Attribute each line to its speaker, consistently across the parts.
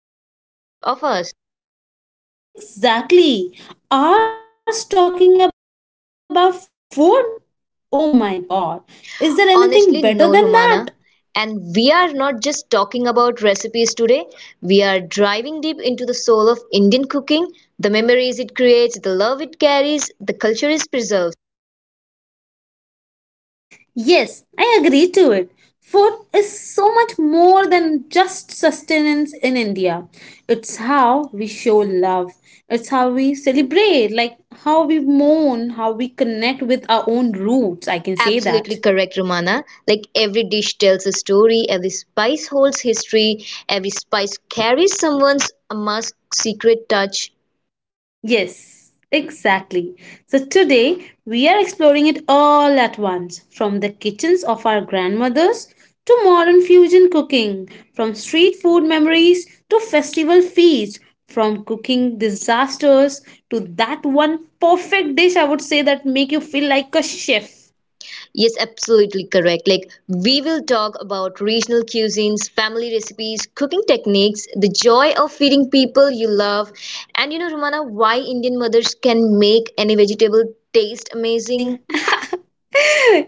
Speaker 1: hour ahead of us.
Speaker 2: Exactly. Ours talking about food? Oh my god. Is there anything
Speaker 1: Honestly,
Speaker 2: better
Speaker 1: no
Speaker 2: than that?
Speaker 1: Romana. And we are not just talking about recipes today. We are driving deep into the soul of Indian cooking, the memories it creates, the love it carries, the culture it preserves.
Speaker 2: Yes, I agree to it. Food is so much more than just sustenance in India. It's how we show love, it's how we celebrate, like how we mourn, how we connect with our own roots. I can say
Speaker 1: Absolutely
Speaker 2: that.
Speaker 1: correct, Romana. Like every dish tells a story, every spice holds history, every spice carries someone's masked secret touch.
Speaker 2: Yes, exactly. So today we are exploring it all at once from the kitchens of our grandmothers to modern fusion cooking, from street food memories to festival feasts, from cooking disasters to that one perfect dish I would say that make you feel like a chef.
Speaker 1: Yes, absolutely correct. Like, we will talk about regional cuisines, family recipes, cooking techniques, the joy of feeding people you love, and you know, Romana, why Indian mothers can make any vegetable taste amazing.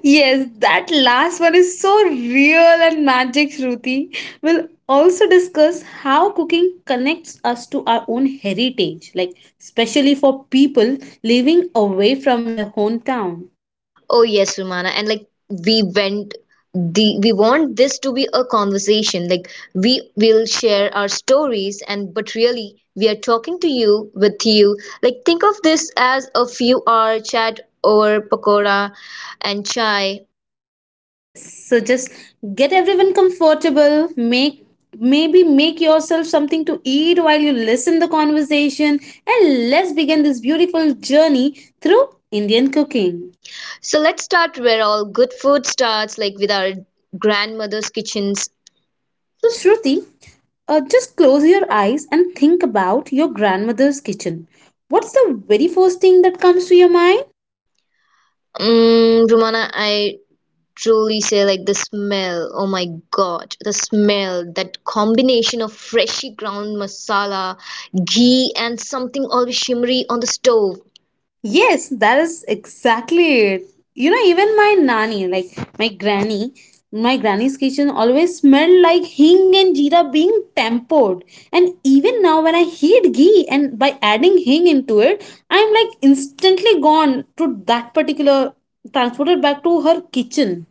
Speaker 2: Yes, that last one is so real and magic, Shruti. We'll also discuss how cooking connects us to our own heritage, like especially for people living away from your hometown.
Speaker 1: Oh, yes, Romana. And like, we went the we want this to be a conversation, like we will share our stories, and but really we are talking to you with you. Like think of this as a few hour chat over pakora and chai.
Speaker 2: Yes, so just get everyone comfortable, make maybe make yourself something to eat while you listen the conversation and let's begin this beautiful journey through Indian cooking.
Speaker 1: So let's start where all good food starts, like with our grandmother's kitchens.
Speaker 2: So, Shruti, just close your eyes and think about your grandmother's kitchen. What's the very first thing that comes to your mind?
Speaker 1: Romana, I truly say like the smell. Oh my God, the smell, that combination of freshly ground masala, ghee, and something always shimmery on the stove.
Speaker 2: Yes, that is exactly it. You know, even my nanny, like my granny, my granny's kitchen always smelled like hing and jeera being tempered. And even now, when I heat ghee and by adding hing into it, I'm like instantly gone to that particular, transported back to her kitchen.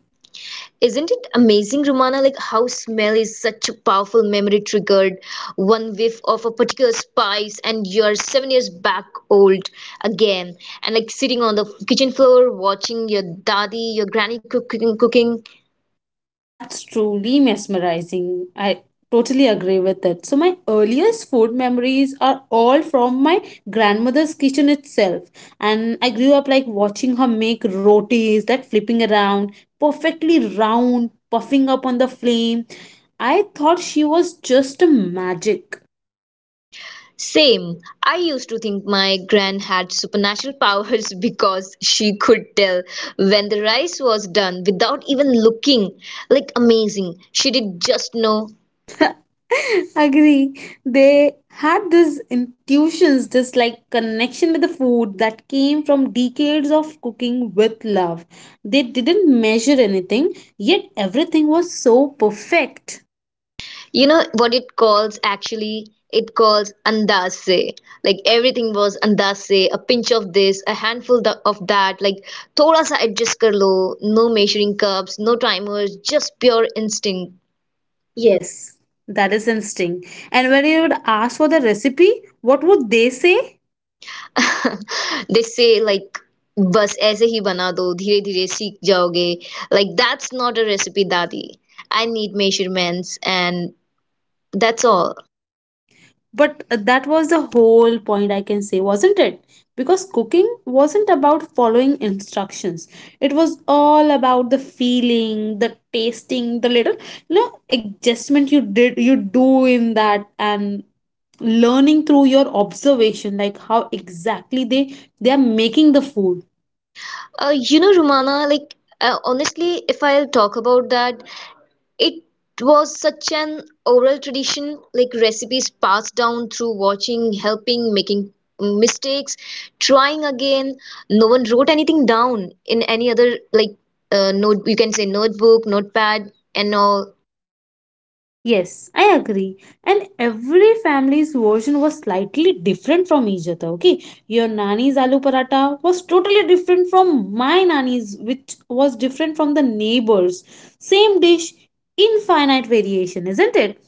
Speaker 1: Isn't it amazing, Romana, like how smell is such a powerful memory triggered? One whiff of a particular spice and you're 7 years back old again. And like sitting on the kitchen floor watching your daddy, your granny cooking.
Speaker 2: That's truly mesmerizing. I totally agree with it. So, my earliest food memories are all from my grandmother's kitchen itself. And I grew up like watching her make rotis that flipping around, perfectly round, puffing up on the flame. I thought she was just a magic.
Speaker 1: Same. I used to think my gran had supernatural powers because she could tell when the rice was done without even looking. Like amazing. She did just know.
Speaker 2: Agree. They had these intuitions, this like connection with the food that came from decades of cooking with love. They didn't measure anything, yet everything was so perfect.
Speaker 1: You know what it calls actually? It calls andase. Like everything was andase, a pinch of this, a handful of that. Like thoda sa adjust kar lo. No measuring cups, no timers, just pure instinct. Yes.
Speaker 2: Yes, that is instinct. And when you would ask for the recipe, what would they say?
Speaker 1: They say like बस ऐसे ही बना दो धीरे धीरे सीख जाओगे. Like that's not a recipe, dadi, I need measurements, and that's all.
Speaker 2: But that was the whole point, I can say, wasn't it? Because cooking wasn't about following instructions. It was all about the feeling, the tasting, the little adjustment you do in that and learning through your observation, like how exactly they are making the food.
Speaker 1: You know, Rumana, like honestly, if I'll talk about that, it was such an oral tradition, like recipes passed down through watching, helping, making mistakes, trying again. No one wrote anything down in any other, like note you can say, notebook, notepad, and all.
Speaker 2: Yes, I agree. And every family's version was slightly different from each other. Okay, your nanny's aloo paratha was totally different from my nanny's, which was different from the neighbor's. Same dish, infinite variation, isn't it?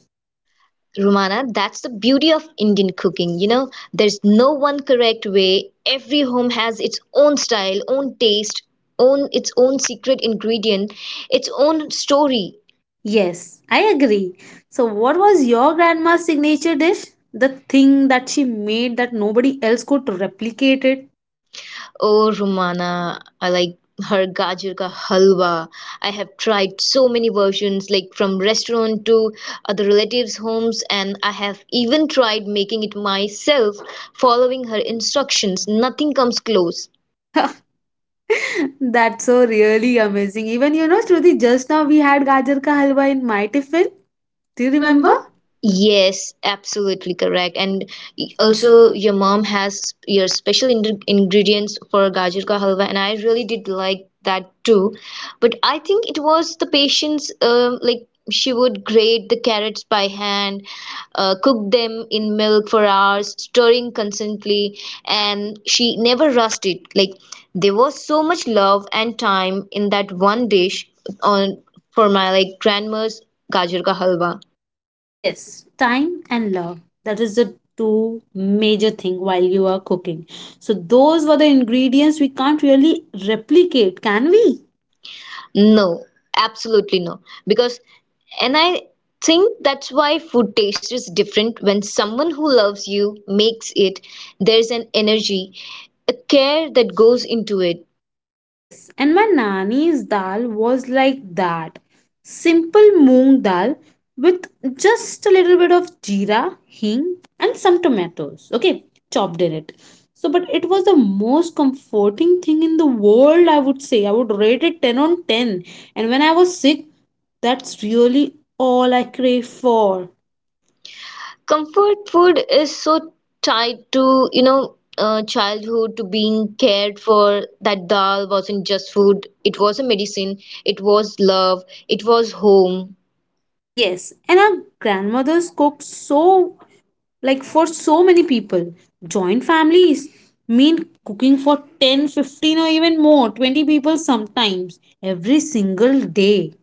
Speaker 1: Romana, that's the beauty of Indian cooking. You know, there's no one correct way. Every home has its own style, own taste, own its own secret ingredient, its own story.
Speaker 2: Yes, I agree. So, what was your grandma's signature dish? The thing that she made that nobody else could replicate it.
Speaker 1: Oh, Romana, I like her gajar ka halwa. I have tried so many versions, like from restaurant to other relatives' homes, and I have even tried making it myself, following her instructions. Nothing comes close.
Speaker 2: That's so really amazing. Even Shruti, just now we had gajar ka halwa in my tiffin.
Speaker 1: Do
Speaker 2: Do
Speaker 1: you
Speaker 2: you
Speaker 1: remember?
Speaker 2: remember?
Speaker 1: Yes, absolutely correct. And also,
Speaker 2: Also,
Speaker 1: your mom has your special in ingredients for gajar ka halwa, and I really did like that too. But I think it was the patience, like she would grate the carrots by hand, cook them in milk for hours, stirring constantly, and she never rushed it. Like there was so much love and time in that one dish, on for my like grandma's gajar ka halwa.
Speaker 2: yes, time and love. That is the two major thing while you are cooking. So those were the ingredients we can't really replicate, can we?
Speaker 1: No, absolutely no. Because, and I think that's why food taste is different when someone who loves you makes it. There's an energy, a care that goes into it.
Speaker 2: Yes, and my nani's dal was like that. Simple moong dal with just a little bit of jeera, hing, and some tomatoes, okay, chopped in it. So, but it was the most comforting thing in the world, I would say. I would rate it 10 on 10. And when I was sick, that's really all I crave for.
Speaker 1: Comfort food is so tied to, childhood, to being cared for. That dal wasn't just food, it was a medicine, it was love, it was home.
Speaker 2: Yes, and our grandmothers cooked so like for so many people, joint families mean cooking for 10, 15, or even more 20 people sometimes every single day.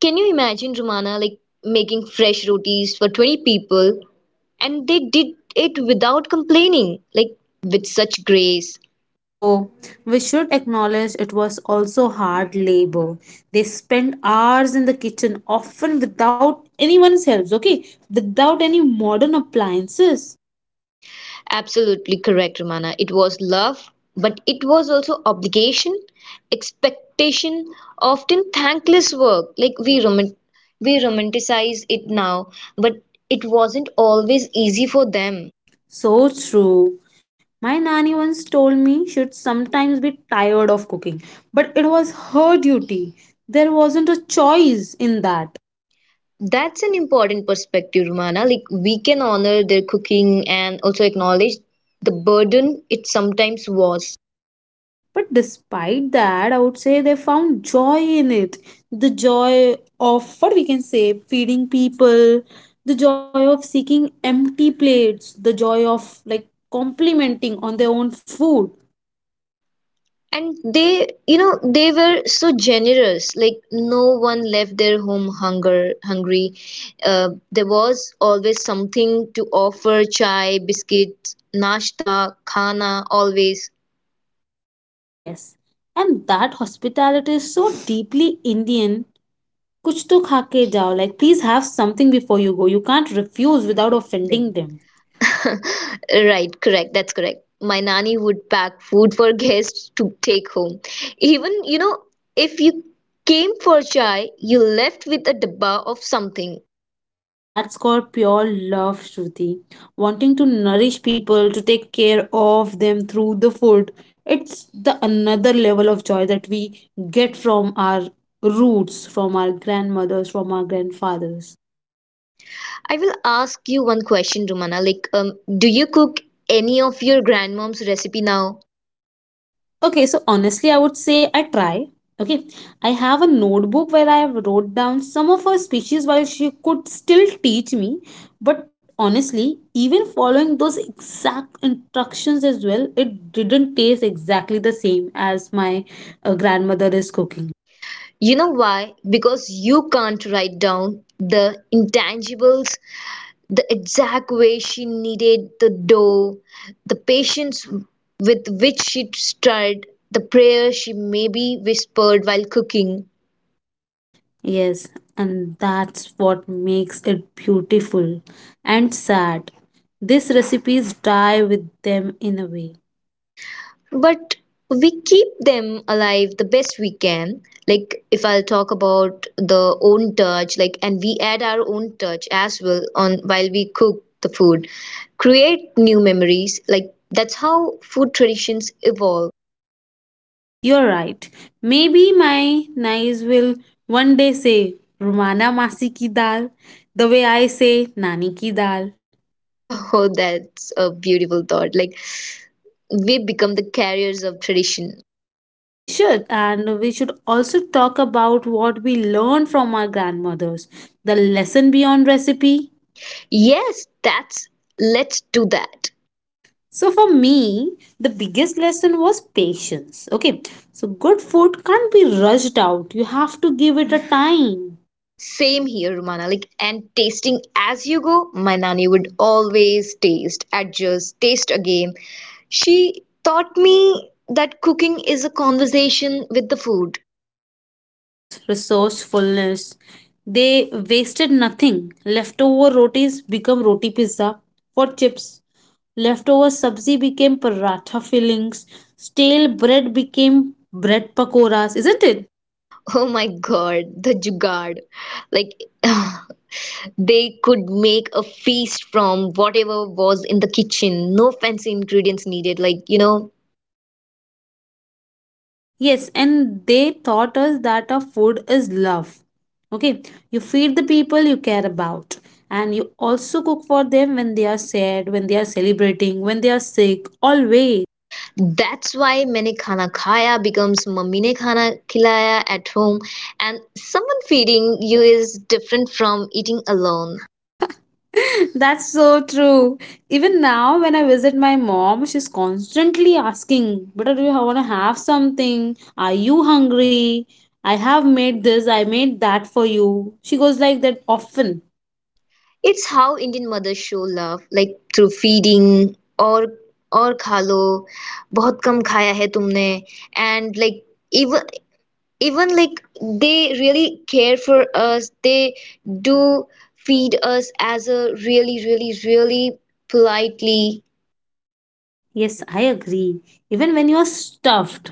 Speaker 1: Can you imagine, Romana, like making fresh rotis for 20 people and they did it without complaining, like with such grace?
Speaker 2: Though we should acknowledge it was also hard labor. They spent hours in the kitchen often without anyone's help, okay, without any modern appliances.
Speaker 1: Absolutely correct, Romana. It was love, but it was also obligation, expectation, often thankless work. Like we romanticize it now, but it wasn't always easy for them.
Speaker 2: So true. My nanny once told me she'd sometimes be tired of cooking, but it was her duty. There wasn't a choice in that.
Speaker 1: That's an important perspective, Romana. Like we can honor their cooking and also acknowledge the burden it sometimes was.
Speaker 2: But despite that, I would say they found joy in it. The joy of what we can say, feeding people, the joy of seeking empty plates, the joy of like complimenting on their own food.
Speaker 1: And they were so generous. Like no one left their home hunger hungry. There was always something to offer: chai, biscuits, nashta, khana, always.
Speaker 2: Yes. And that hospitality is so deeply Indian. कुछ तो खा के जाओ, like please have something before you go, you can't refuse without offending them.
Speaker 1: Right, correct. That's correct. My nanny would pack food for guests to take home. Even, if you came for chai, you left with a dabba of something.
Speaker 2: That's called pure love, Shruti. Wanting to nourish people, to take care of them through the food. It's the another level of joy that we get from our roots, from our grandmothers, from our grandfathers.
Speaker 1: I will ask you one question, Rumana. Like, do you cook any of your grandmom's recipe now?
Speaker 2: Okay, so honestly, I would say I try. Okay, I have a notebook where I have wrote down some of her speeches while she could still teach me. But honestly, even following those exact instructions as well, it didn't taste exactly the same as my grandmother is cooking.
Speaker 1: You know why? Because you can't write down the intangibles, the exact way she kneaded the dough, the patience with which she stirred, the prayer she maybe whispered while cooking.
Speaker 2: Yes, and that's what makes it beautiful and sad. These recipes die with them in a way.
Speaker 1: But we keep them alive the best we can. Like if I'll talk about the own touch, like, and we add our own touch as well on while we cook the food. Create new memories. Like that's how food traditions evolve.
Speaker 2: Yes, you're right. Maybe my knives will one day say Rumana Masi ki dal, the way I say Nani ki dal.
Speaker 1: Oh, that's a beautiful thought. Like we become the carriers of tradition.
Speaker 2: We should, and we should also talk about what we learned from our grandmothers, the lesson beyond recipe.
Speaker 1: Yes, that's let's do that.
Speaker 2: So, for me, the biggest lesson was patience. Okay, so good food can't be rushed out, you have to give it a time.
Speaker 1: Same here, Romana. Like, and tasting as you go, my nanny would always taste, adjust, taste again. She taught me that cooking is a conversation with the food.
Speaker 2: Yes, resourcefulness. They wasted nothing. Leftover rotis become roti pizza for chips. Leftover sabzi became paratha fillings. Stale bread became bread pakoras, isn't it?
Speaker 1: Oh my God, the Jugad. Like, they could make a feast from whatever was in the kitchen. No fancy ingredients needed. Like, you know.
Speaker 2: Yes, and they taught us that our food is love. Okay, you feed the people you care about, and you also cook for them when they are sad, when they are celebrating, when they are sick, always.
Speaker 1: That's why Maine Khana Khaya becomes Mammine Khana Khilaya at home, and someone feeding you is different from eating alone.
Speaker 2: Alone. That's so true. Even now, when I visit my mom, she's constantly asking, "But do you want to have something? Are you hungry? I have made this, I made that for you." She goes like that often.
Speaker 1: It's how Indian mothers show love, like through feeding, or और खा लो बहुत कम खाया है तुमने. And like, even even like, they really care for us, they do feed us as a really really really politely.
Speaker 2: Yes, I agree. Even when you are stuffed.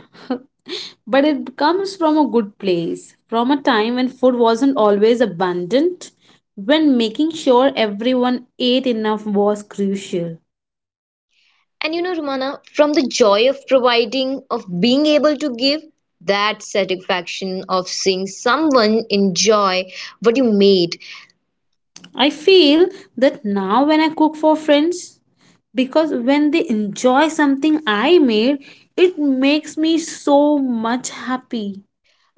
Speaker 2: But it comes from a good place, from a time when food wasn't always abundant, when making sure everyone ate enough was crucial.
Speaker 1: And you know, Romana, from the joy of providing, of being able to give, that satisfaction of seeing someone enjoy what you made,
Speaker 2: I feel that now when I cook for friends, because when they enjoy something I made, it makes me so much happy.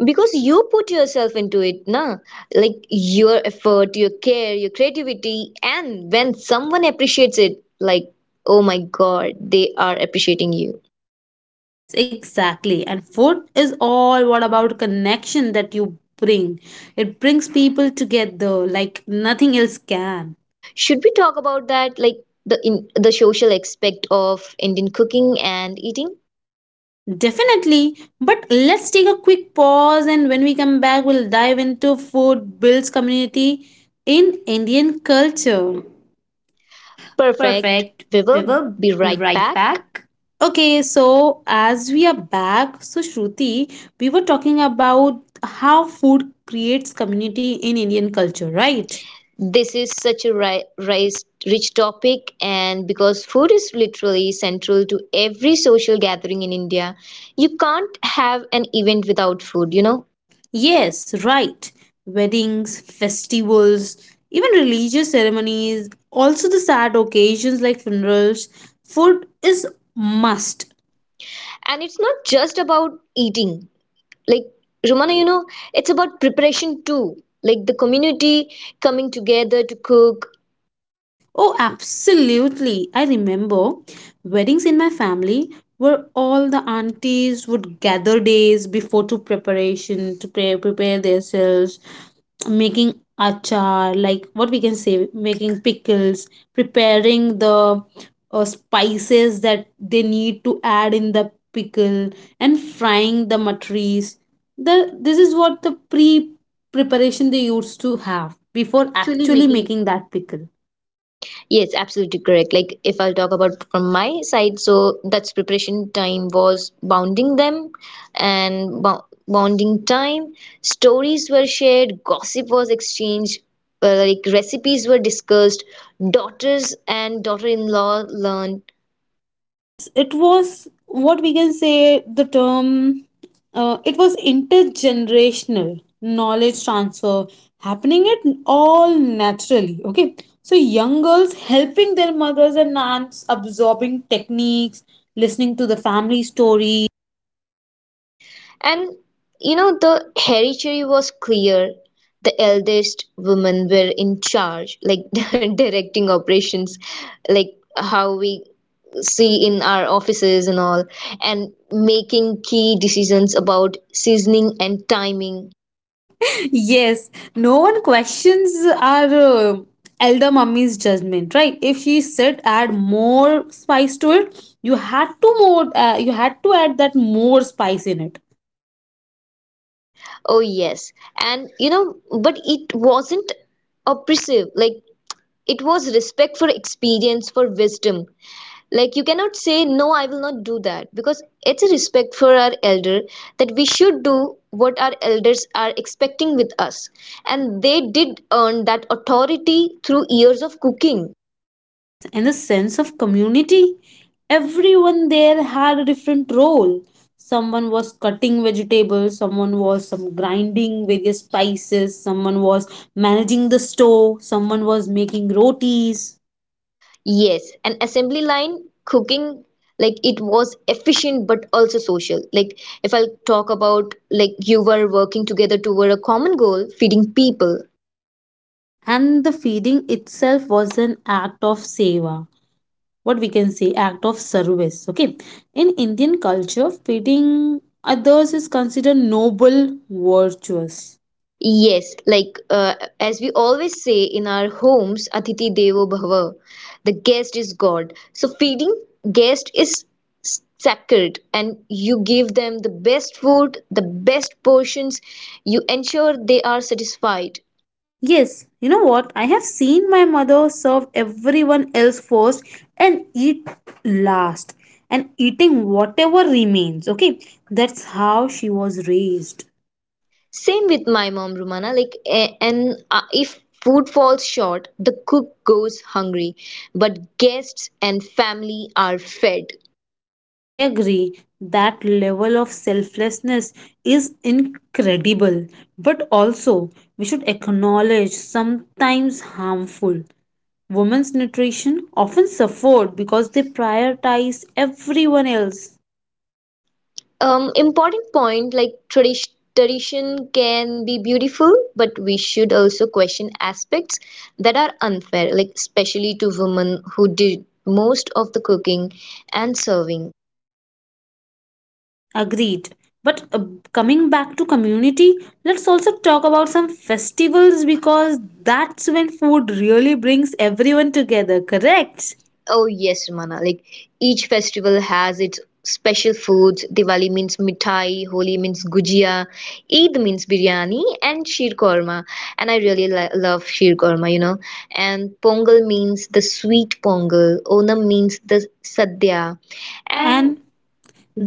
Speaker 1: because you put yourself into it, na? Like your effort, your care, your creativity, and when someone appreciates it, like, oh my God, they are appreciating you.
Speaker 2: Yes, exactly. And food is all what about connection that you bring. It brings people together like nothing else can.
Speaker 1: Should we talk about that, like the social aspect of Indian cooking and eating?
Speaker 2: Definitely. But let's take a quick pause and when we come back we'll dive into food builds community in Indian culture.
Speaker 1: Perfect.
Speaker 2: Perfect.
Speaker 1: We
Speaker 2: We
Speaker 1: will
Speaker 2: will
Speaker 1: be
Speaker 2: be
Speaker 1: right
Speaker 2: right
Speaker 1: back.
Speaker 2: back. Okay, so as we are back, so Shruti, we were talking about how food creates community in Indian culture,
Speaker 1: Right.
Speaker 2: right?
Speaker 1: This is such a rich topic, and because food is literally central to every social gathering in India, you can't have an event without food, you know?
Speaker 2: No? Yes, right. Weddings, festivals, even religious ceremonies, also the sad occasions like funerals, food is must.
Speaker 1: And it's not just about eating. Like, Romana, you know, it's about preparation too. Like the community coming together to cook,
Speaker 2: Oh, absolutely. I remember weddings in my family where all the aunties would gather days before to prepare themselves, making achar, like what we can say, making pickles, preparing the spices that they need to add in the pickle, and frying the matris. This is what the preparation they used to have before
Speaker 1: for actually
Speaker 2: actually
Speaker 1: making.
Speaker 2: making that pickle.
Speaker 1: Yes, absolutely correct. Like if I'll talk about from my side, so that's preparation time was bounding them and bo bonding time. Stories were shared, gossip was exchanged, like recipes were discussed, daughters and daughter-in-law learned.
Speaker 2: Yes, it was what we can say the term, it was intergenerational knowledge transfer happening it all naturally. Okay, so young girls helping their mothers and aunts, absorbing techniques, listening to the family story.
Speaker 1: And you know, the hereditary was clear. The eldest women were in charge, like directing operations, like how we see in our offices and all, and making key decisions about seasoning and timing.
Speaker 2: Yes, no one questions our elder mummy's judgment, right? If she said add more spice to it, you had to add that more spice in it.
Speaker 1: Oh, yes. And you know, but it wasn't oppressive, like it was respect for experience, for wisdom. Like you cannot say no, I will not do that, because it's a respect for our elder that we should do what our elders are expecting with us, and they did earn that authority through years of cooking.
Speaker 2: Yes, and the sense of community. Everyone there had a different role. Someone was cutting vegetables, someone was some grinding various spices, someone was managing the store, someone was making rotis.
Speaker 1: Yes, an assembly line cooking. Like it was efficient but also social. Like if I talk about, like, you were working together toward a common goal, feeding people.
Speaker 2: And the feeding itself was an act of seva. What we can say, act of service. Okay. In Indian culture, feeding others is considered noble, virtuous.
Speaker 1: Yes, like, as we always say in our homes, Atiti Devo Bhava, the guest is God. So feeding guest is sacred, and you give them the best food, the best portions. You ensure they are satisfied.
Speaker 2: Yes, you know what? I have seen my mother serve everyone else first and eat last and eating whatever remains. Okay, that's how she was raised.
Speaker 1: Same with my mom, Rumana. Like, and if food falls short, the cook goes hungry, but guests and family are fed.
Speaker 2: I agree that level of selflessness is incredible, but also we should acknowledge sometimes harmful. Women's nutrition often suffered because they prioritize everyone else.
Speaker 1: Important point, like tradition can be beautiful, but we should also question aspects that are unfair, like especially to women who did most of the cooking and serving.
Speaker 2: Agreed. But coming back to community, let's also talk about some festivals because that's when food really brings everyone together, correct?
Speaker 1: Oh yes, Ramana. Like each festival has its special foods. Diwali means mithai, Holi means gujia, Eid means biryani, and sheer korma. And I really love sheer korma. And Pongal means the sweet Pongal. Onam means the sadhya. And
Speaker 2: And
Speaker 1: And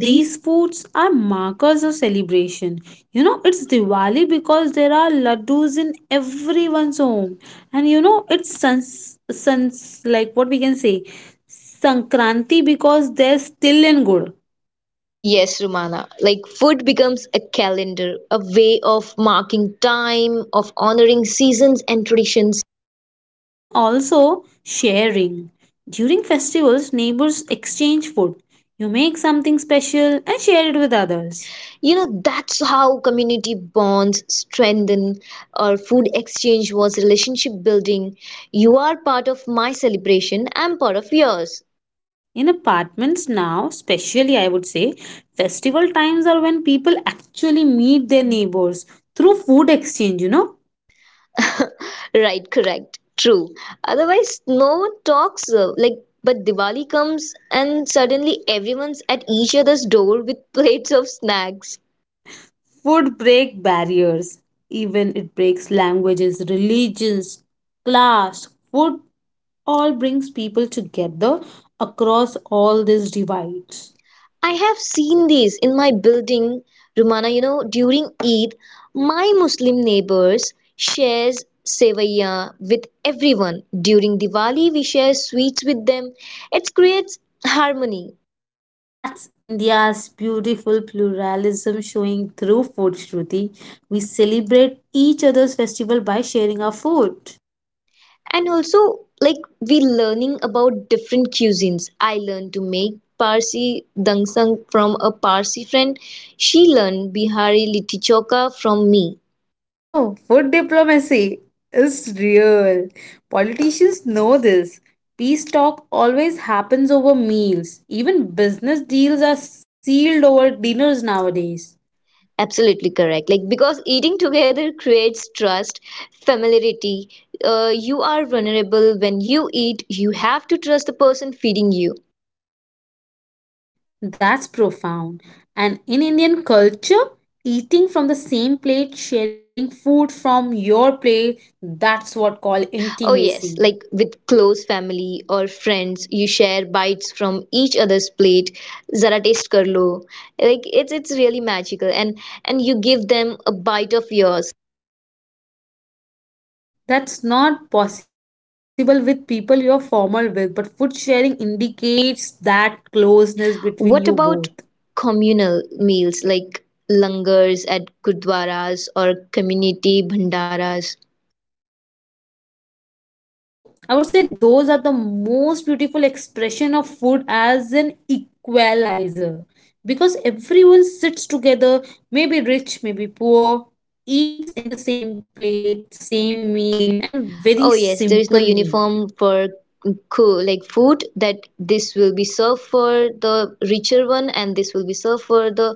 Speaker 1: these.
Speaker 2: foods are markers of celebration. You know, it's Diwali because there are laddus in everyone's home. And you know, it's sans, sans like what we can say, Sankranti because there's still in good.
Speaker 1: Yes, Rumana. Like food becomes a calendar, a way of marking time, of honoring seasons and traditions.
Speaker 2: And also sharing. During festivals, neighbors exchange food. You make something special and share it with others.
Speaker 1: You know, that's how community bonds strengthen, or food exchange was relationship building. You are part of my celebration, I'm part of yours.
Speaker 2: In apartments now, especially I would say, festival times are when people actually meet their neighbors through food exchange.
Speaker 1: Right, correct, true. Otherwise no one talks, like, but Diwali comes and suddenly everyone's at each other's door with plates of snacks.
Speaker 2: Food break barriers. Even it breaks languages, religions, class, food all brings people together across all these divides.
Speaker 1: I have seen this in my building, Rumana. You know, during Eid, my Muslim neighbors shares sevaya with everyone. During Diwali, we share sweets with them. It creates harmony.
Speaker 2: That's India's beautiful pluralism showing through food, Shruti. We celebrate each other's festival by sharing our food.
Speaker 1: And also, like we learning about different cuisines. I learned to make Parsi dangsang from a Parsi friend. She learned Bihari litti chokha from me.
Speaker 2: Oh, food diplomacy is real. Politicians know this. Peace talk always happens over meals. Even business deals are sealed over dinners nowadays.
Speaker 1: Absolutely correct. Like, because eating together creates trust, familiarity. You are vulnerable when you eat, you have to trust the person feeding you.
Speaker 2: That's profound. And in Indian culture, eating from the same plate, sharing food from your plate, that's what called intimacy.
Speaker 1: Oh, yes, like with close family or friends, you share bites from each other's plate. Zara taste karlo. Like, it's really magical. And you give them a bite of yours.
Speaker 2: That's not possible with people you're formal with, but food sharing indicates that closeness between you
Speaker 1: What
Speaker 2: both.
Speaker 1: about communal meals like langars at gurdwaras or community bhandaras?
Speaker 2: So I would say those are the most beautiful expression of food as an equalizer because everyone sits together, maybe rich, maybe poor, eats in the same plate, same meal, and very
Speaker 1: Oh
Speaker 2: simple meal.
Speaker 1: yes, there is no uniform for cool like food that this will be served for the richer one and this will be served for the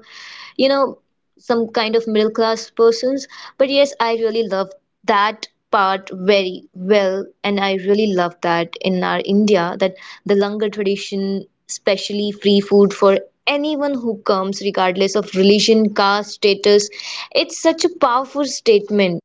Speaker 1: you know some kind of middle class persons. But yes, I really love that part very well and I really love that in our India that the langar tradition especially free food for anyone who comes regardless of religion caste status it's such a powerful statement.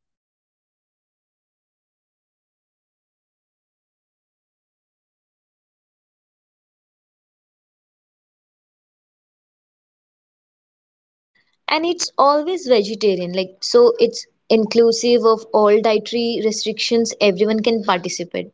Speaker 2: That there's enough for everyone, that no one should go hungry, that we are all equal in our need for nourishment.
Speaker 1: And it's always vegetarian, like, so it's inclusive of all dietary restrictions, everyone can participate.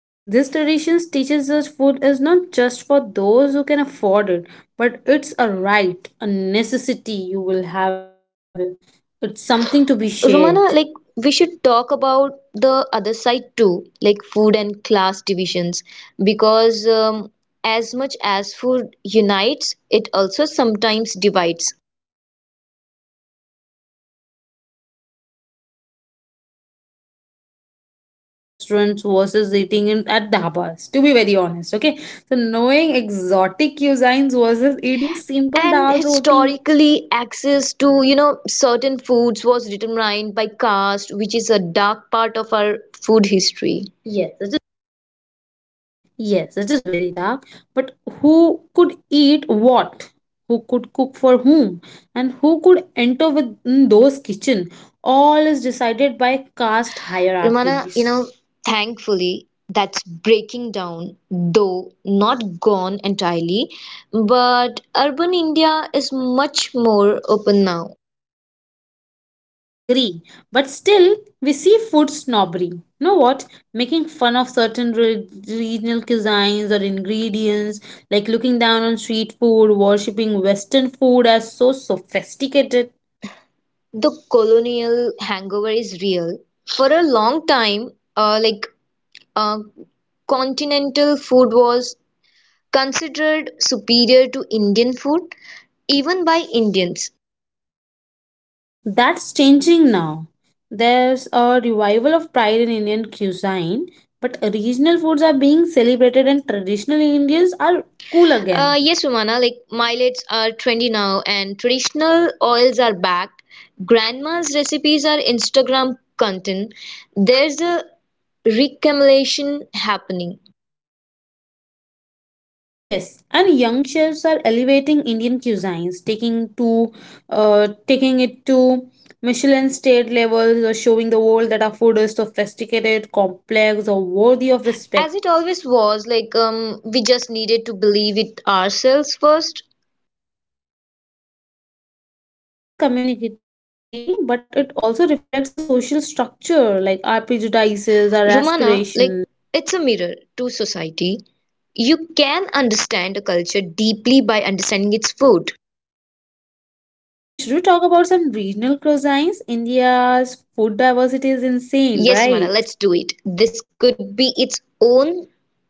Speaker 2: Yes, this tradition teaches us food is not just for those who can afford it, but it's a right, a necessity you will have it. It's something to be
Speaker 1: Romana,
Speaker 2: shared.
Speaker 1: like, we should talk about the other side too, like food and class divisions, because as much as food unites, it also sometimes divides.
Speaker 2: Yes, you are right. Certain foods are associated with the status, like eating in restaurants versus eating in, at dhabas, to be very honest. Okay, so knowing exotic cuisines versus eating simple
Speaker 1: And
Speaker 2: dal roti.
Speaker 1: historically, access to, you know, certain foods was determined by caste, which is a dark part of our food history. Yes.
Speaker 2: Yes, it is very dark. But who could eat what? Who could cook for whom? And who could enter within those kitchen? All is decided by caste
Speaker 1: Romana, you know,
Speaker 2: hierarchies.
Speaker 1: thankfully, that's breaking down, though not gone entirely. But urban India is much more open now.
Speaker 2: Agree. But still, we see food snobbery. You know what? Making fun of certain regional cuisines or ingredients, like looking down on street food, worshipping Western food as so sophisticated.
Speaker 1: The colonial hangover is real. For a long time, like uh, continental food was considered superior to Indian food, even by Indians.
Speaker 2: That's changing now. There's a revival of pride in Indian cuisine, but regional foods are being celebrated and traditional Indians are cool again.
Speaker 1: Yes, Umana, like millets are trendy now and traditional oils are back. Grandma's recipes are Instagram content. There's a reclamation happening.
Speaker 2: Yes, and young chefs are elevating Indian cuisines, taking to taking it to Michelin state levels, or showing the world that our food is sophisticated, complex, or worthy of
Speaker 1: As
Speaker 2: respect.
Speaker 1: it always was, like we just needed to believe it ourselves first.
Speaker 2: So food creates community, but it also reflects our social structure, like our prejudices, our
Speaker 1: Romana, like
Speaker 2: aspirations.
Speaker 1: it's a mirror to society. You can understand a culture deeply by understanding its food.
Speaker 2: So, should we talk about some regional cuisines? India's food diversity is insane,
Speaker 1: Yes, Romana,
Speaker 2: right?
Speaker 1: let's do it. This could be its own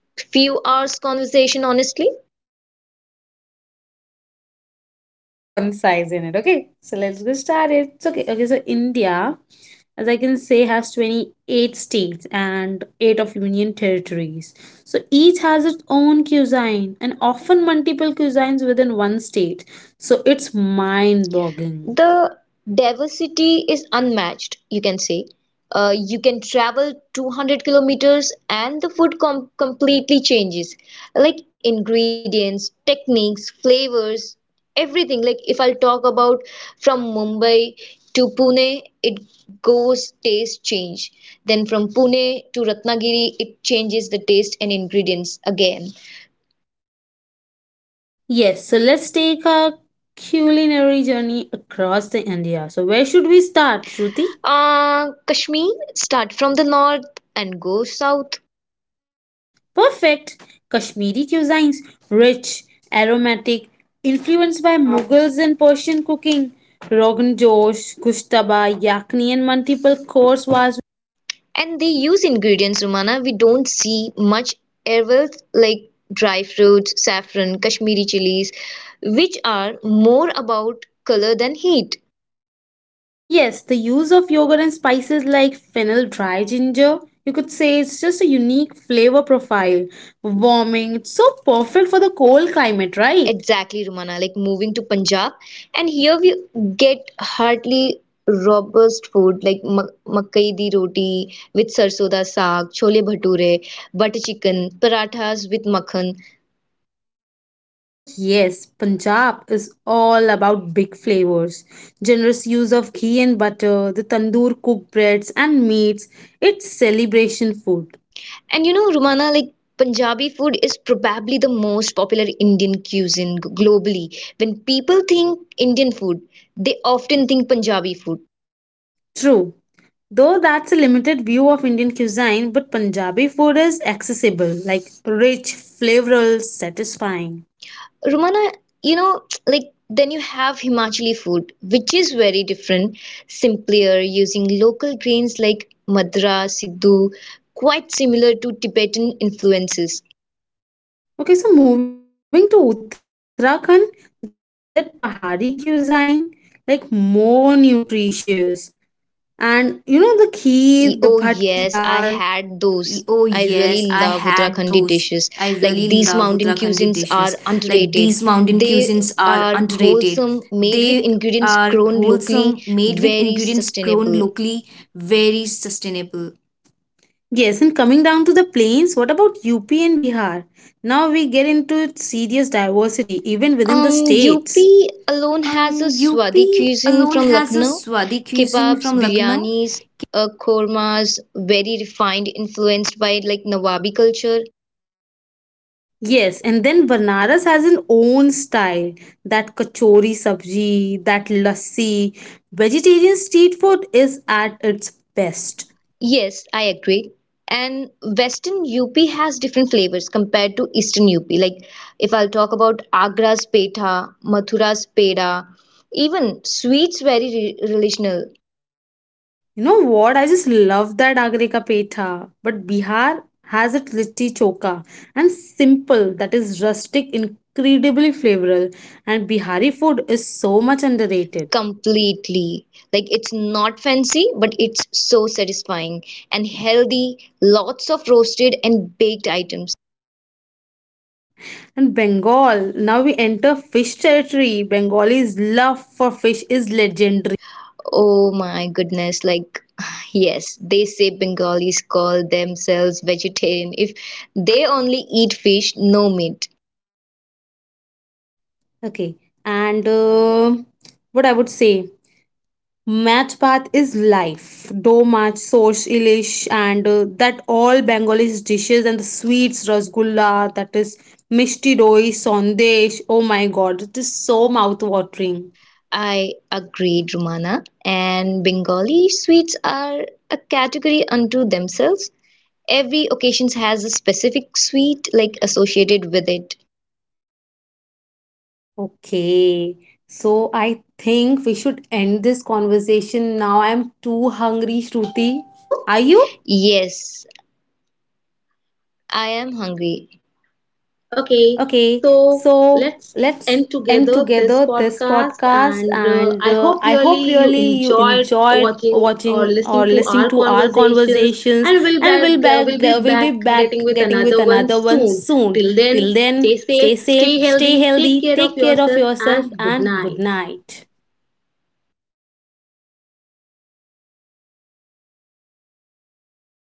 Speaker 1: few hours conversation, honestly.
Speaker 2: Okay, we'll try to be a concise in it. Okay, so let's get started. It's okay. Okay, so India, as I can say, has 28 states and 8 of union territories. So each has its own cuisine and often multiple cuisines within one state. So it's mind boggling.
Speaker 1: The diversity is unmatched, you can say. You can travel 200 kilometers and the food completely changes. Like ingredients, techniques, flavors, everything. Like if I'll talk about from Mumbai to Pune, it goes taste change. Then from Pune to Ratnagiri, it changes the taste and ingredients again.
Speaker 2: Yes, so let's take a culinary journey across the India. So where should we start, Shruti?
Speaker 1: Kashmir, start from the north and go south.
Speaker 2: Perfect. Kashmiri cuisines, rich, aromatic, influenced by Mughals and Persian cooking. Rogan Josh, Kushtaba, Yakni, and multiple course was.
Speaker 1: And they use ingredients, Romana, we don't see much ever like dry fruits, saffron, Kashmiri chilies, which are more about color than heat.
Speaker 2: Yes, the use of yogurt and spices like fennel, dry ginger, you could say it's just a unique flavor profile. Warming, it's so perfect for the cold climate, right?
Speaker 1: Exactly, Romana, like moving to Punjab. And here we get hardly robust food like makai di roti with sarso da saag, chole bhature, butter chicken, parathas with makhan.
Speaker 2: Oh, yes, Punjab is all about big flavors. Generous use of ghee and butter, the tandoor cooked breads and meats. It's celebration food.
Speaker 1: And you know, Rumana, like Punjabi food is probably the most popular Indian cuisine globally. When people think Indian food, they often think Punjabi food.
Speaker 2: True. Though that's a limited view of Indian cuisine, but Punjabi food is accessible, like rich, flavorful, satisfying.
Speaker 1: Rumana, you know, like then you have Himachali food, which is very different, simpler, using local grains like madra, siddhu, quite similar to Tibetan influences.
Speaker 2: Okay, so moving to Uttarakhand, that Pahari cuisine, like more nutritious. And you know the kheer, the bhat ki dal.
Speaker 1: Oh yes, I had those. I really love Uttarakhandi dishes. Like these mountain cuisines are underrated. They are wholesome, made with ingredients grown locally, very sustainable.
Speaker 2: Yes, and coming down to the plains, what about UP and Bihar? Now we get into serious diversity even within the states.
Speaker 1: UP alone has a Swadhi cuisine from Lucknow. Kebabs, biryanis, kormas, very refined, influenced by like Nawabi culture.
Speaker 2: Yes, and then Banaras has an own style. That kachori sabji, that lassi. Vegetarian street food is at its best.
Speaker 1: Yes, I agree. And Western UP has different flavors compared to Eastern UP. Like if I'll talk about Agra's petha, Mathura's peda, even sweets very re relational
Speaker 2: You know what? I just love that Agre ka Petha. But Bihar has its litti choka and simple, that is rustic, incredibly flavorful. And Bihari food is so much underrated.
Speaker 1: completely. Like it's not fancy, but it's so satisfying and healthy. Lots of roasted and baked items.
Speaker 2: And Bengal, now we enter fish territory. Bengalis' love for fish is legendary.
Speaker 1: Oh my goodness, like yes, they say Bengalis call themselves vegetarian if they only eat fish, no meat.
Speaker 2: Okay, and what I would say. Match-Bhat is life. Do match sorsh, ilish, and that all Bengali dishes and the sweets, rasgulla, that is mishti doi, sandesh. Oh my god, it is so mouth-watering.
Speaker 1: I agreed, Romana. And Bengali sweets are a category unto themselves. Every occasion has a specific sweet like associated with it.
Speaker 2: Okay, so I think we should end this conversation now. I'm too hungry, Shruti.
Speaker 1: Are you?
Speaker 2: Are you?
Speaker 1: Yes, I am hungry. Okay,
Speaker 2: Okay,
Speaker 1: so
Speaker 2: so
Speaker 1: let's
Speaker 2: let's
Speaker 1: end
Speaker 2: end
Speaker 1: together
Speaker 2: together
Speaker 1: this
Speaker 2: this
Speaker 1: podcast,
Speaker 2: podcast,
Speaker 1: and
Speaker 2: and
Speaker 1: I
Speaker 2: uh,
Speaker 1: hope
Speaker 2: I
Speaker 1: really
Speaker 2: hope
Speaker 1: you
Speaker 2: really you
Speaker 1: enjoyed
Speaker 2: enjoyed
Speaker 1: watching or
Speaker 2: watching or
Speaker 1: listening to
Speaker 2: listening
Speaker 1: our
Speaker 2: to our
Speaker 1: conversations,
Speaker 2: conversations,
Speaker 1: and
Speaker 2: and we'll
Speaker 1: we'll
Speaker 2: back uh,
Speaker 1: be
Speaker 2: we'll
Speaker 1: back
Speaker 2: be
Speaker 1: getting
Speaker 2: back
Speaker 1: with
Speaker 2: getting with
Speaker 1: another one
Speaker 2: another one
Speaker 1: soon.
Speaker 2: soon.
Speaker 1: Till then,
Speaker 2: Till then,
Speaker 1: stay safe,
Speaker 2: stay
Speaker 1: stay
Speaker 2: safe, stay
Speaker 1: healthy, take
Speaker 2: healthy,
Speaker 1: care of
Speaker 2: take care of
Speaker 1: yourself,
Speaker 2: yourself,
Speaker 1: and good
Speaker 2: and good
Speaker 1: night.
Speaker 2: night.